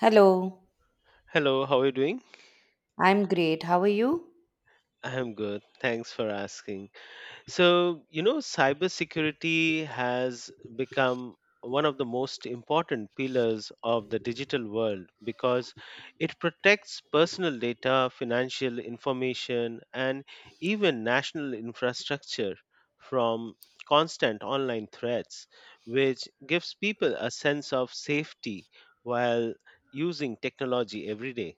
Hello, Hello, how are you doing? I'm great. How are you? I'm good. Thanks for asking. So, you know, cybersecurity has become one of the most important pillars of the digital world because it protects personal data, financial information, and even national infrastructure from constant online threats, which gives people a sense of safety while using technology every day.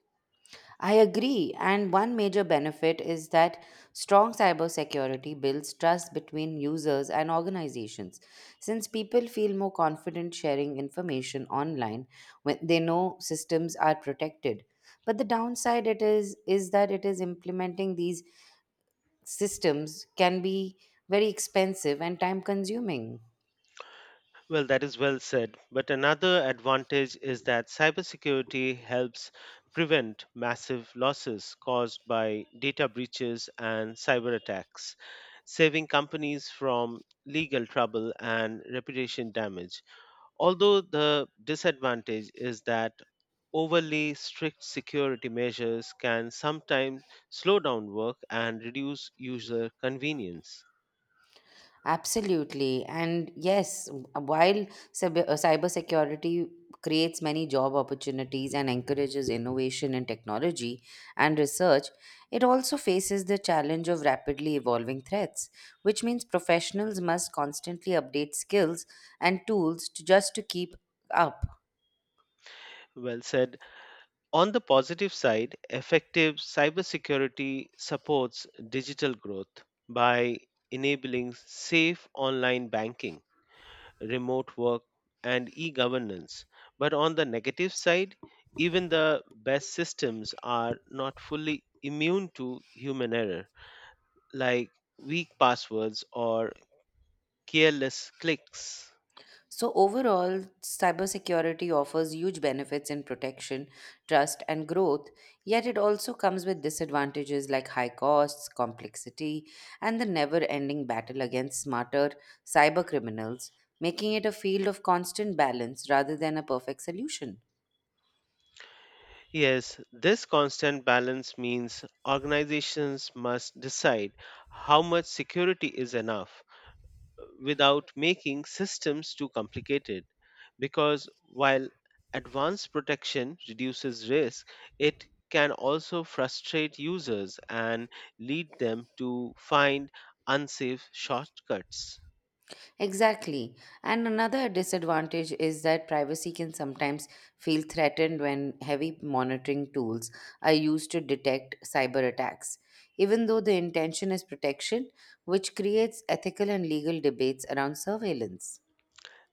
I agree. And one major benefit is that strong cybersecurity builds trust between users and organizations, since people feel more confident sharing information online when they know systems are protected. But the downside it is that it is implementing these systems can be very expensive and time consuming. Well, that is well said. But another advantage is that cybersecurity helps prevent massive losses caused by data breaches and cyber attacks, saving companies from legal trouble and reputation damage. Although the disadvantage is that overly strict security measures can sometimes slow down work and reduce user convenience. Absolutely. And yes, while cybersecurity creates many job opportunities and encourages innovation in technology and research, it also faces the challenge of rapidly evolving threats, which means professionals must constantly update skills and tools to just to keep up. Well said. On the positive side, effective cybersecurity supports digital growth by enabling safe online banking, remote work, and e governance. But on the negative side, even the best systems are not fully immune to human error, like weak passwords or careless clicks. So, overall, cybersecurity offers huge benefits in protection, trust, and growth, yet it also comes with disadvantages like high costs, complexity, and the never ending battle against smarter cyber criminals, making it a field of constant balance rather than a perfect solution. Yes, this constant balance means organizations must decide how much security is enough without making systems too complicated. Because while advanced protection reduces risk, it can also frustrate users and lead them to find unsafe shortcuts. Exactly. And another disadvantage is that privacy can sometimes feel threatened when heavy monitoring tools are used to detect cyber attacks, even though the intention is protection, which creates ethical and legal debates around surveillance.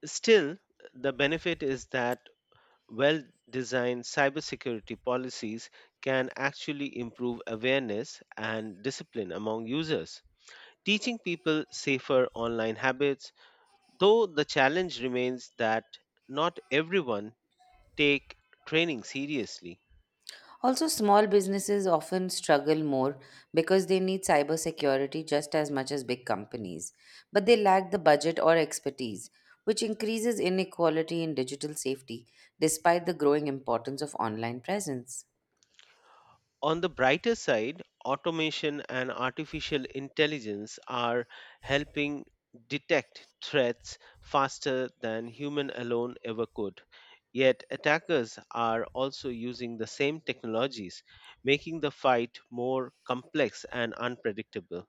Still, the benefit is that well designed cybersecurity policies can actually improve awareness and discipline among users, teaching people safer online habits. Though the challenge remains that not everyone take training seriously. Also, small businesses often struggle more because they need cybersecurity just as much as big companies, but they lack the budget or expertise, which increases inequality in digital safety despite the growing importance of online presence. On the brighter side, automation and artificial intelligence are helping detect threats faster than human alone ever could. Yet attackers are also using the same technologies, making the fight more complex and unpredictable.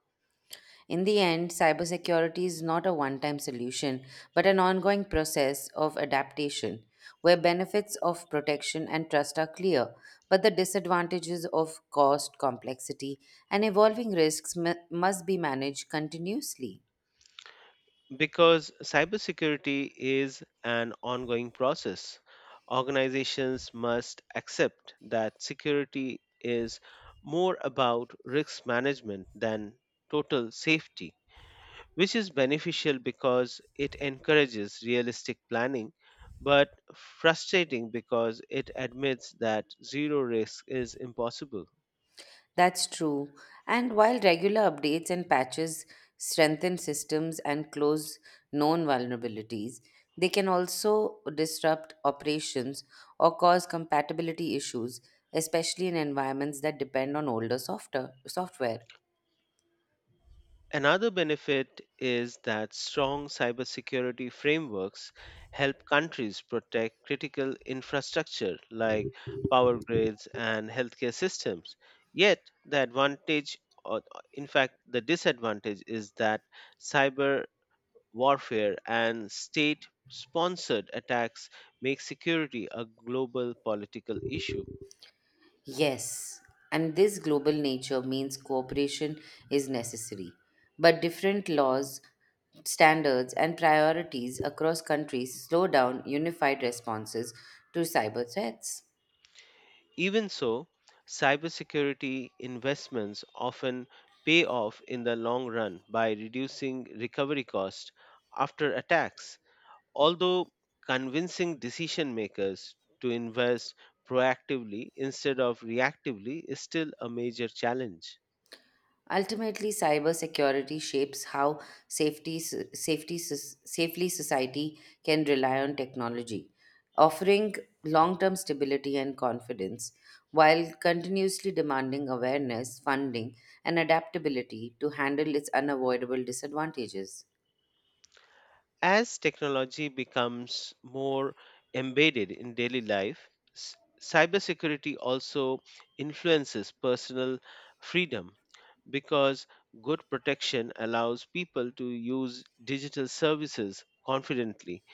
In the end, cybersecurity is not a one time solution, but an ongoing process of adaptation where benefits of protection and trust are clear, but the disadvantages of cost, complexity, and evolving risks must be managed continuously. Because cybersecurity is an ongoing process, organizations must accept that security is more about risk management than total safety, which is beneficial because it encourages realistic planning, but frustrating because it admits that zero risk is impossible. That's true. And while regular updates and patches strengthen systems and close known vulnerabilities, they can also disrupt operations or cause compatibility issues, especially in environments that depend on older softer software. Another benefit is that strong cybersecurity frameworks help countries protect critical infrastructure like power grids and healthcare systems. Yet, the advantage, or in fact, the disadvantage is that cyber warfare and state sponsored attacks make security a global political issue. Yes, and this global nature means cooperation is necessary. But different laws, standards, and priorities across countries slow down unified responses to cyber threats. Even so, cybersecurity investments often pay off in the long run by reducing recovery costs after attacks, although convincing decision makers to invest proactively instead of reactively is still a major challenge. Ultimately, cybersecurity shapes how safely society can rely on technology, offering long term stability and confidence while continuously demanding awareness, funding, and adaptability to handle its unavoidable disadvantages. As technology becomes more embedded in daily life, cybersecurity also influences personal freedom because good protection allows people to use digital services confidently.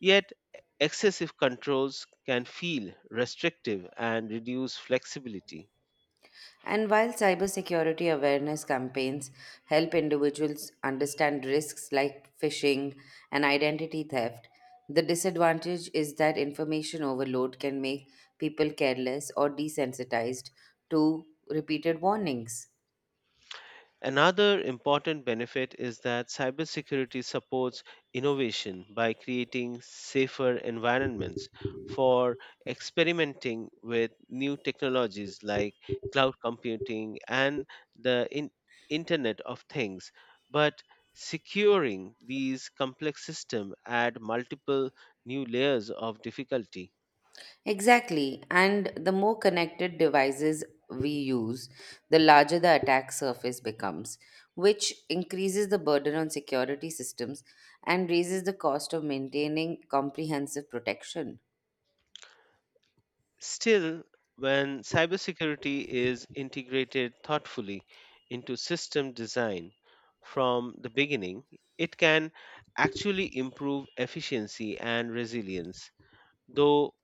Yet, excessive controls can feel restrictive and reduce flexibility. And while cybersecurity awareness campaigns help individuals understand risks like phishing and identity theft, the disadvantage is that information overload can make people careless or desensitized to repeated warnings. Another important benefit is that cybersecurity supports innovation by creating safer environments for experimenting with new technologies like cloud computing and the Internet of Things. But securing these complex systems add multiple new layers of difficulty. Exactly. And the more connected devices we use, the larger the attack surface becomes, which increases the burden on security systems and raises the cost of maintaining comprehensive protection. Still, when cybersecurity is integrated thoughtfully into system design from the beginning, it can actually improve efficiency and resilience, though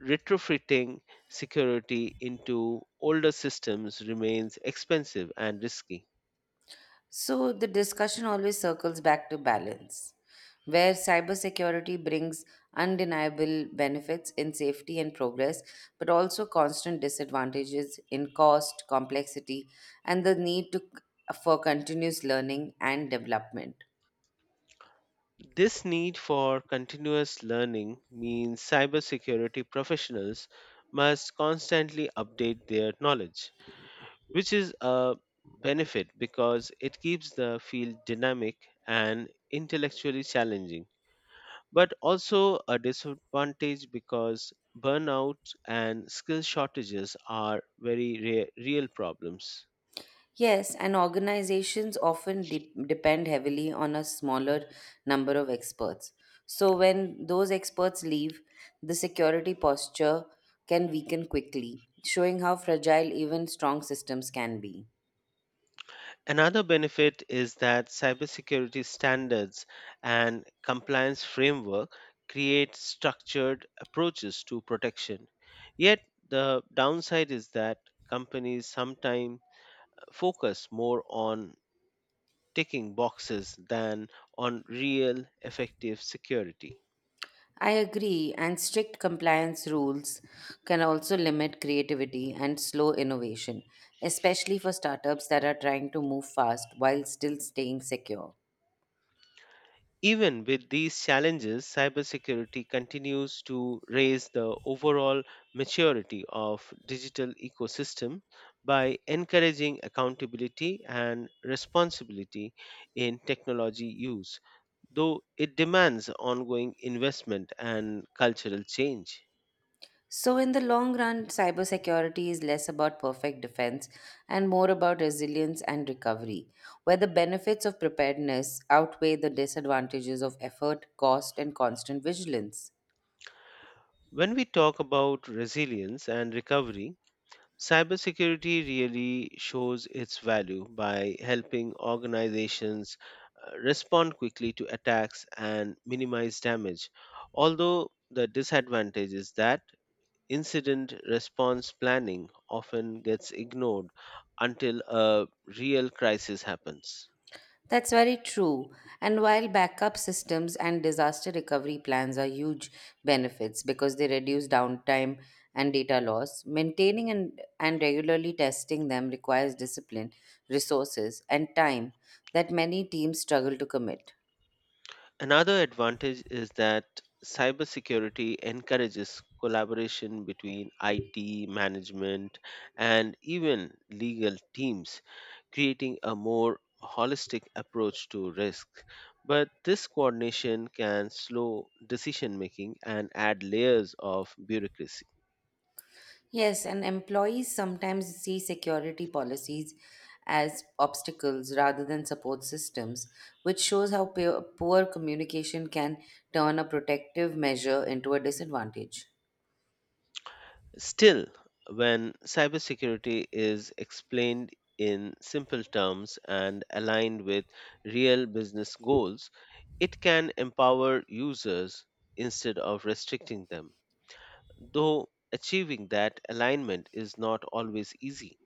retrofitting security into older systems remains expensive and risky. So the discussion always circles back to balance, where cybersecurity brings undeniable benefits in safety and progress, but also constant disadvantages in cost, complexity, and the for continuous learning and development. This need for continuous learning means cybersecurity professionals must constantly update their knowledge which is a benefit because it keeps the field dynamic and intellectually challenging, but also a disadvantage because burnout and skill shortages are very real problems. Yes, and organizations often depend heavily on a smaller number of experts. So, when those experts leave, the security posture can weaken quickly, showing how fragile even strong systems can be. Another benefit is that cybersecurity standards and compliance framework create structured approaches to protection. Yet the downside is that companies sometimes focus more on ticking boxes than on real effective security. I agree, and strict compliance rules can also limit creativity and slow innovation, especially for startups that are trying to move fast while still staying secure. Even with these challenges, cybersecurity continues to raise the overall maturity of digital ecosystem by encouraging accountability and responsibility in technology use, though it demands ongoing investment and cultural change. So, in the long run, cybersecurity is less about perfect defense and more about resilience and recovery, where the benefits of preparedness outweigh the disadvantages of effort, cost, and constant vigilance. When we talk about resilience and recovery, cybersecurity really shows its value by helping organizations respond quickly to attacks and minimize damage. Although the disadvantage is that incident response planning often gets ignored until a real crisis happens. That's very true. And while backup systems and disaster recovery plans are huge benefits because they reduce downtime and data loss, maintaining and regularly testing them requires discipline, resources, and time that many teams struggle to commit. Another advantage is that cybersecurity encourages collaboration between IT, management, and even legal teams creating a more holistic approach to risk. But this coordination can slow decision making and add layers of bureaucracy. Yes, and employees sometimes see security policies as obstacles rather than support systems, which shows how poor communication can turn a protective measure into a disadvantage. Still, when cybersecurity is explained in simple terms and aligned with real business goals, it can empower users instead of restricting them, though achieving that alignment is not always easy.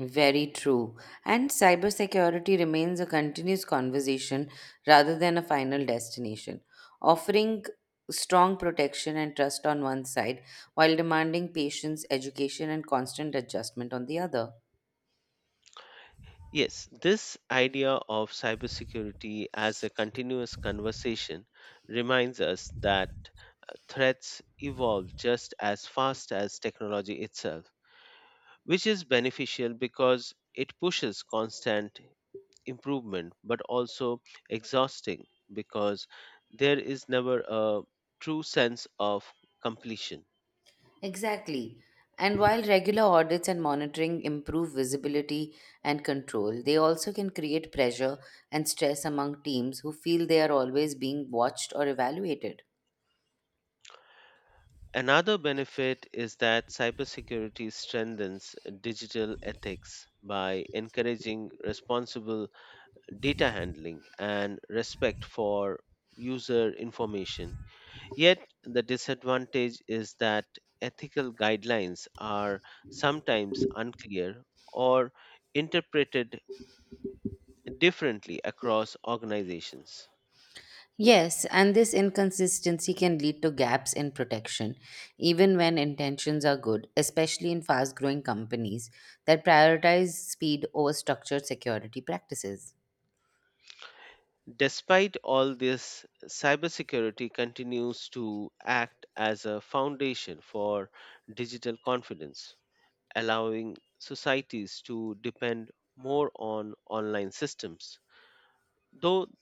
Very true. And cybersecurity remains a continuous conversation rather than a final destination, offering strong protection and trust on one side while demanding patience, education, and constant adjustment on the other. Yes, this idea of cybersecurity as a continuous conversation reminds us that threats evolve just as fast as technology itself, which is beneficial because it pushes constant improvement but also exhausting because there is never a true sense of completion. Exactly. And while regular audits and monitoring improve visibility and control, they also can create pressure and stress among teams who feel they are always being watched or evaluated. Another benefit is that cybersecurity strengthens digital ethics by encouraging responsible data handling and respect for user information. Yet, the disadvantage is that ethical guidelines are sometimes unclear or interpreted differently across organizations. Yes, and this inconsistency can lead to gaps in protection, even when intentions are good, especially in fast growing companies that prioritize speed over structured security practices. Despite all this, cybersecurity continues to act as a foundation for digital confidence, allowing societies to depend more on online systems. Though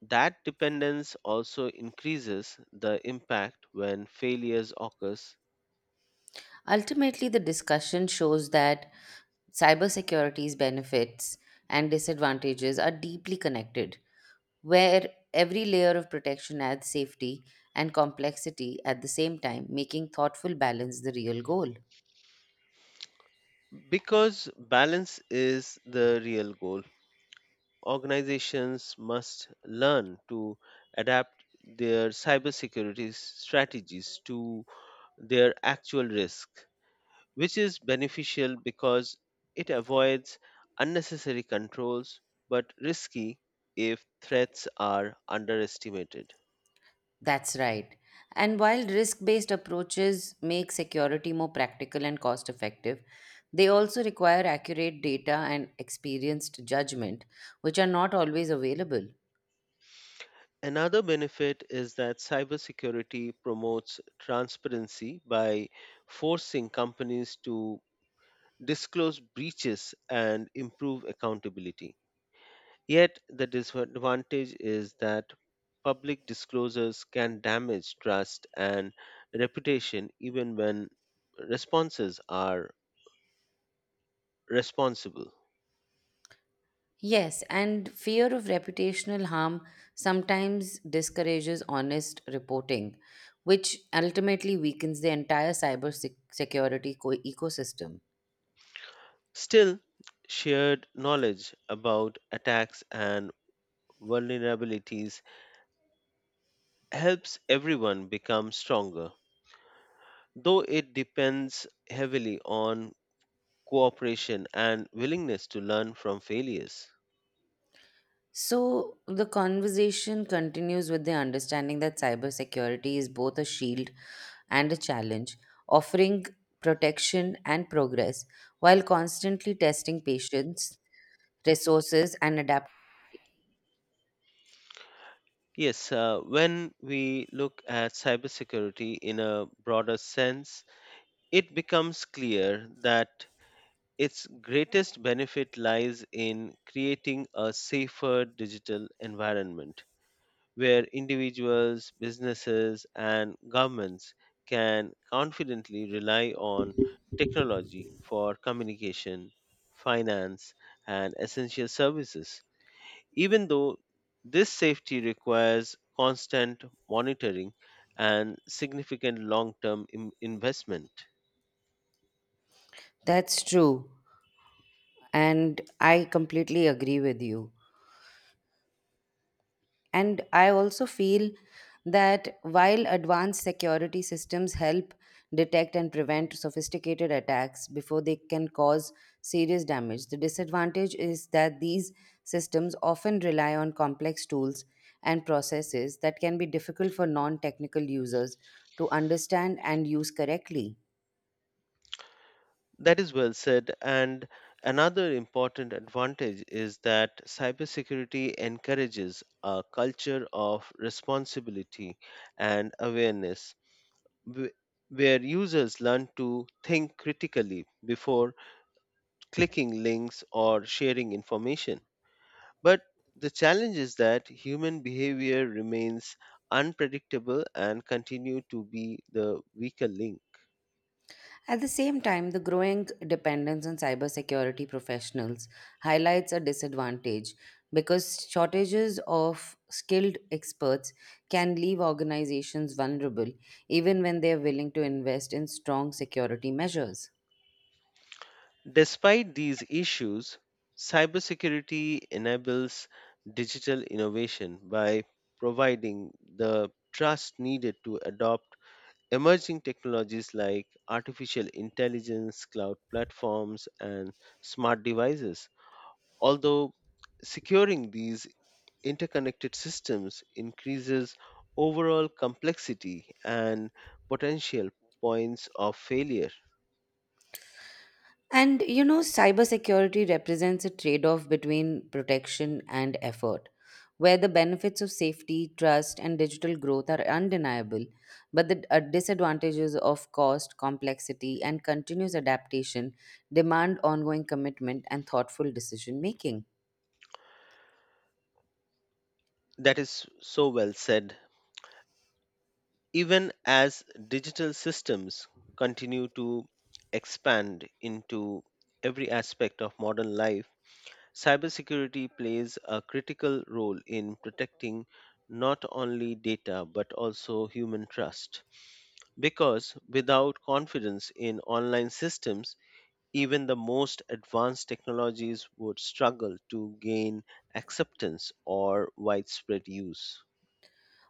that dependence also increases the impact when failures occurs Ultimately, the discussion shows that cybersecurity's benefits and disadvantages are deeply connected, where every layer of protection adds safety and complexity at the same time, making thoughtful balance the real goal. because balance is the real goal. Organizations must learn to adapt their cybersecurity strategies to their actual risk, which is beneficial because it avoids unnecessary controls but risky if threats are underestimated. That's right. And while risk based approaches make security more practical and cost effective, they also require accurate data and experienced judgment, which are not always available. Another benefit is that cybersecurity promotes transparency by forcing companies to disclose breaches and improve accountability. Yet, the disadvantage is that public disclosures can damage trust and reputation even when responses are responsible. Yes, and fear of reputational harm sometimes discourages honest reporting, which ultimately weakens the entire cyber sec- security co- ecosystem. Still, shared knowledge about attacks and vulnerabilities helps everyone become stronger, though it depends heavily on cooperation and willingness to learn from failures. So, the conversation continues with the understanding that cybersecurity is both a shield and a challenge, offering protection and progress while constantly testing patience, resources, and adapt. Yes, when we look at cybersecurity in a broader sense, it becomes clear that its greatest benefit lies in creating a safer digital environment where individuals, businesses, and governments can confidently rely on technology for communication, finance, and essential services. Even though this safety requires constant monitoring and significant long term investment. That's true, and I completely agree with you. And I also feel that while advanced security systems help detect and prevent sophisticated attacks before they can cause serious damage, the disadvantage is that these systems often rely on complex tools and processes that can be difficult for non technical users to understand and use correctly. That is well said. And another important advantage is that cybersecurity encourages a culture of responsibility and awareness, wh- where users learn to think critically before clicking links or sharing information. But the challenge is that human behavior remains unpredictable and continue to be the weaker link. At the same time, the growing dependence on cybersecurity professionals highlights a disadvantage because shortages of skilled experts can leave organizations vulnerable even when they are willing to invest in strong security measures. Despite these issues, cybersecurity enables digital innovation by providing the trust needed to adopt emerging technologies like artificial intelligence, cloud platforms, and smart devices. Although securing these interconnected systems increases overall complexity and potential points of failure. And you know, cybersecurity represents a trade off between protection and effort, where the benefits of safety, trust, and digital growth are undeniable, but the disadvantages of cost, complexity, and continuous adaptation demand ongoing commitment and thoughtful decision making. That is so well said. Even as digital systems continue to expand into every aspect of modern life, cybersecurity plays a critical role in protecting not only data but also human trust. Because without confidence in online systems, even the most advanced technologies would struggle to gain acceptance or widespread use.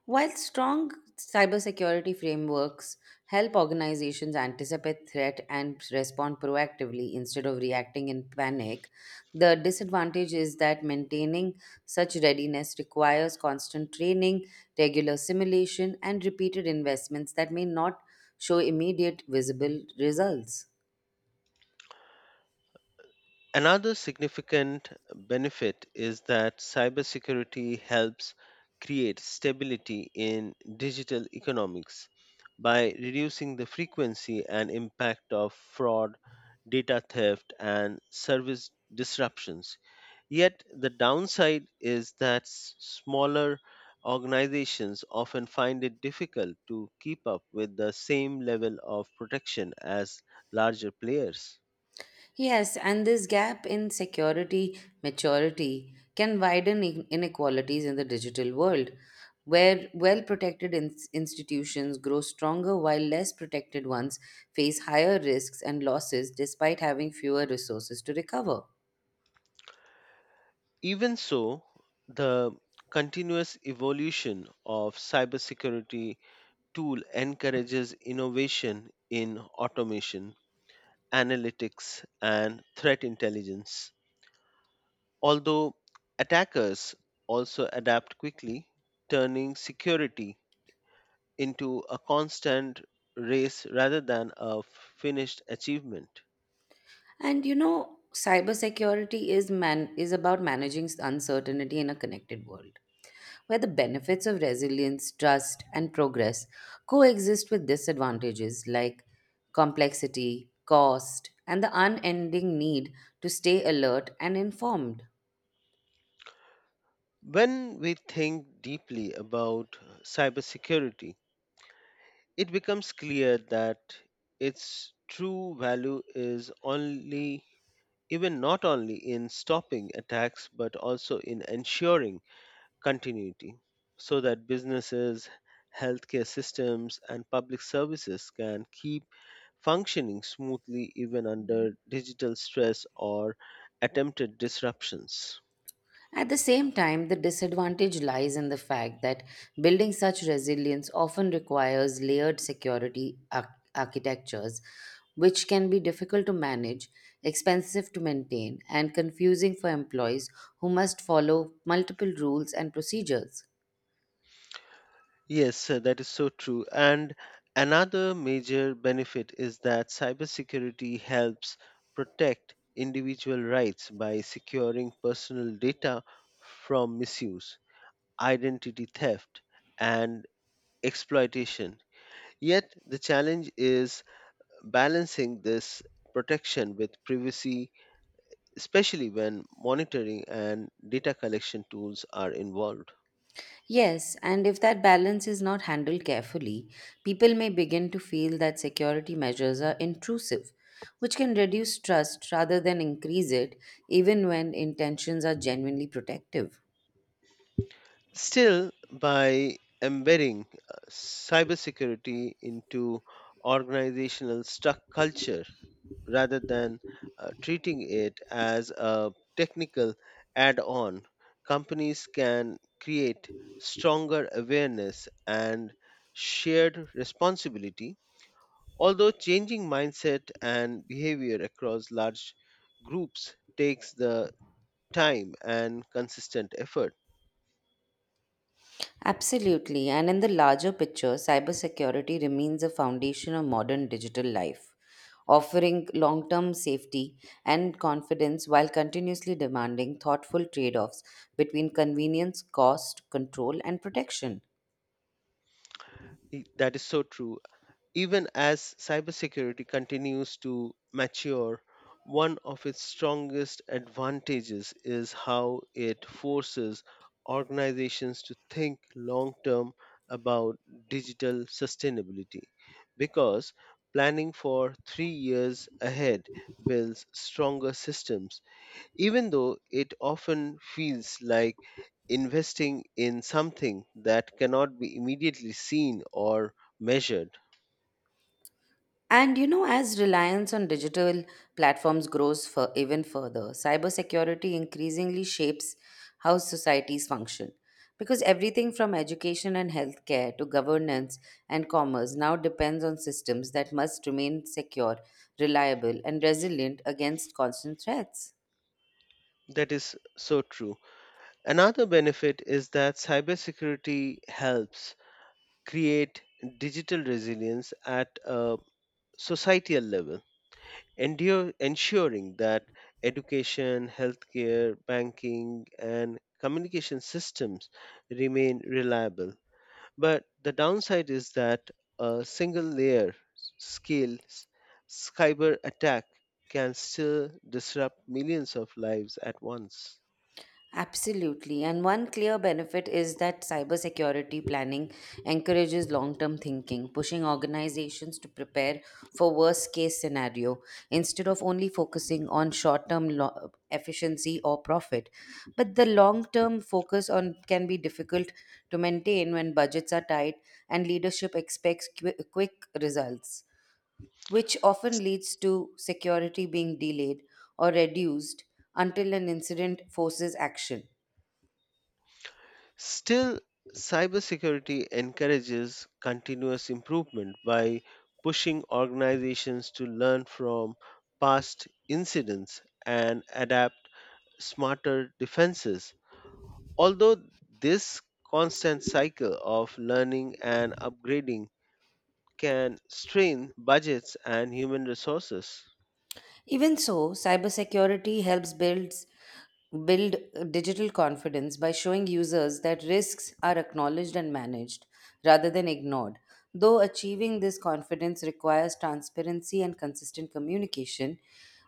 While strong cybersecurity frameworks help organizations anticipate threat and respond proactively instead of reacting in panic, the disadvantage is that maintaining such readiness requires constant training, regular simulation, and repeated investments that may not show immediate visible results. Another significant benefit is that cybersecurity helps create stability in digital economics by reducing the frequency and impact of fraud, data theft, and service disruptions. Yet the downside is that smaller organizations often find it difficult to keep up with the same level of protection as larger players. Yes, and this gap in security maturity can widen inequalities in the digital world, where well protected institutions grow stronger while less protected ones face higher risks and losses despite having fewer resources to recover. Even so, the continuous evolution of cybersecurity tool encourages innovation in automation, analytics and threat intelligence. Although attackers also adapt quickly, turning security into a constant race rather than a finished achievement. And you know, cybersecurity is about managing uncertainty in a connected world, where the benefits of resilience, trust, and progress coexist with disadvantages like complexity, cost, and the unending need to stay alert and informed. When we think deeply about cybersecurity, it becomes clear that its true value is only even not only in stopping attacks but also in ensuring continuity so that businesses healthcare systems and public services can keep functioning smoothly even under digital stress or attempted disruptions. At the same time, the disadvantage lies in the fact that building such resilience often requires layered architectures, which can be difficult to manage, expensive to maintain, and confusing for employees who must follow multiple rules and procedures. Yes, that is so true. And another major benefit is that cybersecurity helps protect individual rights by securing personal data from misuse, identity theft, and exploitation. Yet, the challenge is balancing this protection with privacy especially when monitoring and data collection tools are involved. Yes, and if that balance is not handled carefully, people may begin to feel that security measures are intrusive, which can reduce trust rather than increase it, even when intentions are genuinely protective. Still, by embedding cybersecurity into organizational struck culture rather than treating it as a technical add on, companies can create stronger awareness and shared responsibility. Although changing mindset and behavior across large groups takes the time and consistent effort. Absolutely, and in the larger picture, cybersecurity remains a foundation of modern digital life, offering long term safety and confidence while continuously demanding thoughtful trade offs between convenience, cost, control, and protection. That is so true. Even as cybersecurity continues to mature, one of its strongest advantages is how it forces organizations to think long term about digital sustainability because planning for 3 years ahead builds stronger systems, even though it often feels like investing in something that cannot be immediately seen or measured. And you know, as reliance on digital platforms grows for even further, cybersecurity increasingly shapes how societies function, because everything from education and healthcare to governance and commerce now depends on systems that must remain secure, reliable, and resilient against constant threats. That is so true. Another benefit is that cybersecurity helps create digital resilience at a societal level, ensuring that education, healthcare, banking, and communication systems remain reliable. But the downside is that a single layer scale cyber attack can still disrupt millions of lives at once. Absolutely. And one clear benefit is that cybersecurity planning encourages long-term thinking, pushing organizations to prepare for worst-case scenario instead of only focusing on efficiency or profit. But the long-term focus on can be difficult to maintain when budgets are tight and leadership expects quick results, which often leads to security being delayed or reduced until an incident forces action. Still, cybersecurity encourages continuous improvement by pushing organizations to learn from past incidents and adapt smarter defenses. Although this constant cycle of learning and upgrading can strain budgets and human resources. Even so, cybersecurity build digital confidence by showing users that risks are acknowledged and managed rather than ignored. Though achieving this confidence requires transparency and consistent communication,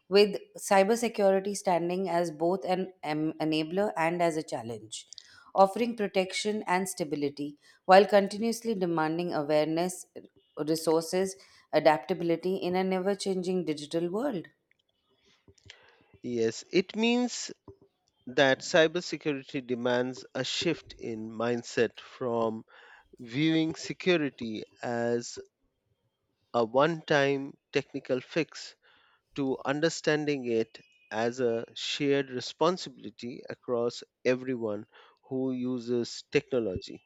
with cybersecurity standing as both enabler and as a challenge, offering protection and stability while continuously demanding awareness, resources, adaptability in an ever changing digital world. Yes, it means that cybersecurity demands a shift in mindset from viewing security as a one time technical fix to understanding it as a shared responsibility across everyone who uses technology,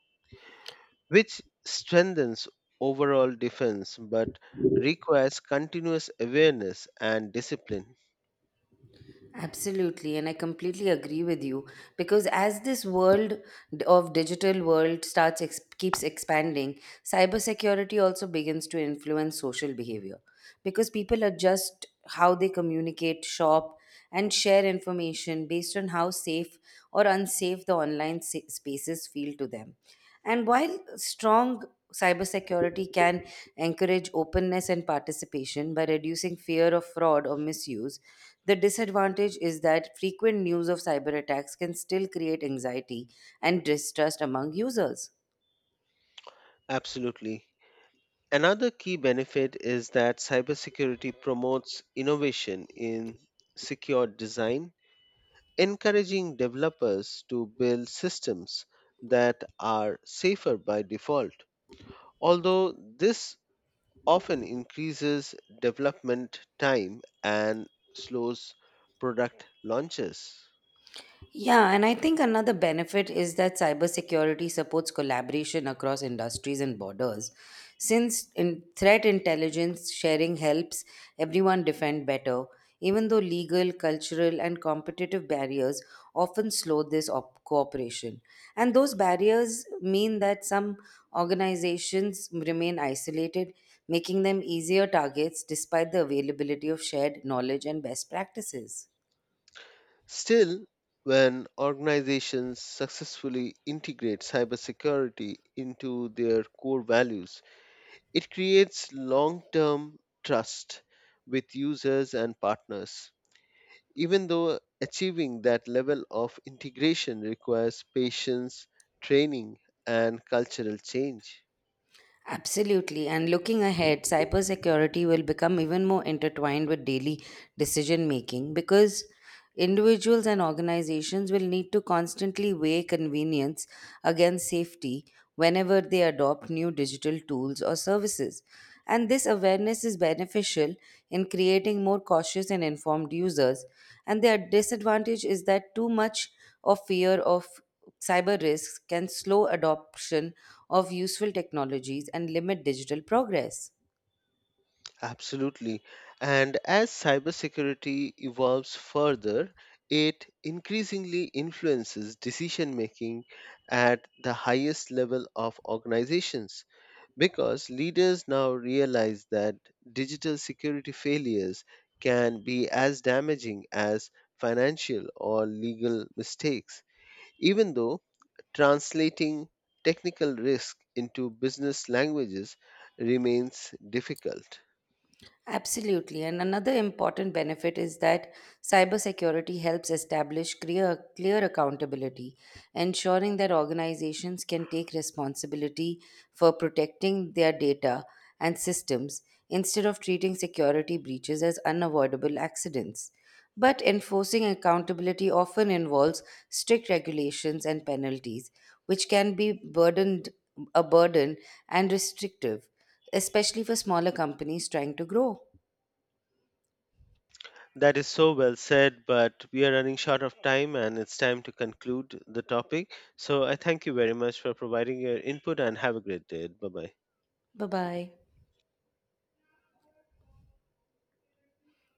which strengthens overall defense but requires continuous awareness and discipline. Absolutely, and I completely agree with you because as this world d- of digital world keeps expanding, cybersecurity also begins to influence social behavior because people adjust how they communicate, shop, and share information based on how safe or unsafe the spaces feel to them. And while strong cybersecurity can encourage openness and participation by reducing fear of fraud or misuse, the disadvantage is that frequent news of cyber attacks can still create anxiety and distrust among users. Absolutely. Another key benefit is that cybersecurity promotes innovation in secure design encouraging developers to build systems that are safer by default, although this often increases development time and slows product launches. Yeah, and I think another benefit is that cybersecurity supports collaboration across industries and borders, since in threat intelligence sharing helps everyone defend better, even though legal, cultural, and competitive barriers often slow cooperation. And those barriers mean that some organizations remain isolated, making them easier targets despite the availability of shared knowledge and best practices. Still, when organizations successfully integrate cybersecurity into their core values, it creates long term trust with users and partners. Even though achieving that level of integration requires patience, training, and cultural change. Absolutely. And looking ahead, cybersecurity will become even more intertwined with daily decision making because individuals and organizations will need to constantly weigh convenience against safety whenever they adopt new digital tools or services. And this awareness is beneficial in creating more cautious and informed users. And their disadvantage is that too much or fear of cyber risks can slow adoption of useful technologies and limit digital progress. Absolutely. And as cybersecurity evolves further, it increasingly influences decision making at the highest level of organizations because leaders now realize that digital security failures can be as damaging as financial or legal mistakes. Even though translating technical risk into business languages remains difficult. Absolutely. And another important benefit is that cybersecurity helps establish clear accountability, ensuring that organizations can take responsibility for protecting their data and systems instead of treating security breaches as unavoidable accidents. But enforcing accountability often involves strict regulations and penalties, which can be burden and restrictive, especially for smaller companies trying to grow. That is so well said, but we are running short of time and it's time to conclude the topic. So I thank you very much for providing your input and have a great day. Bye bye. Bye bye.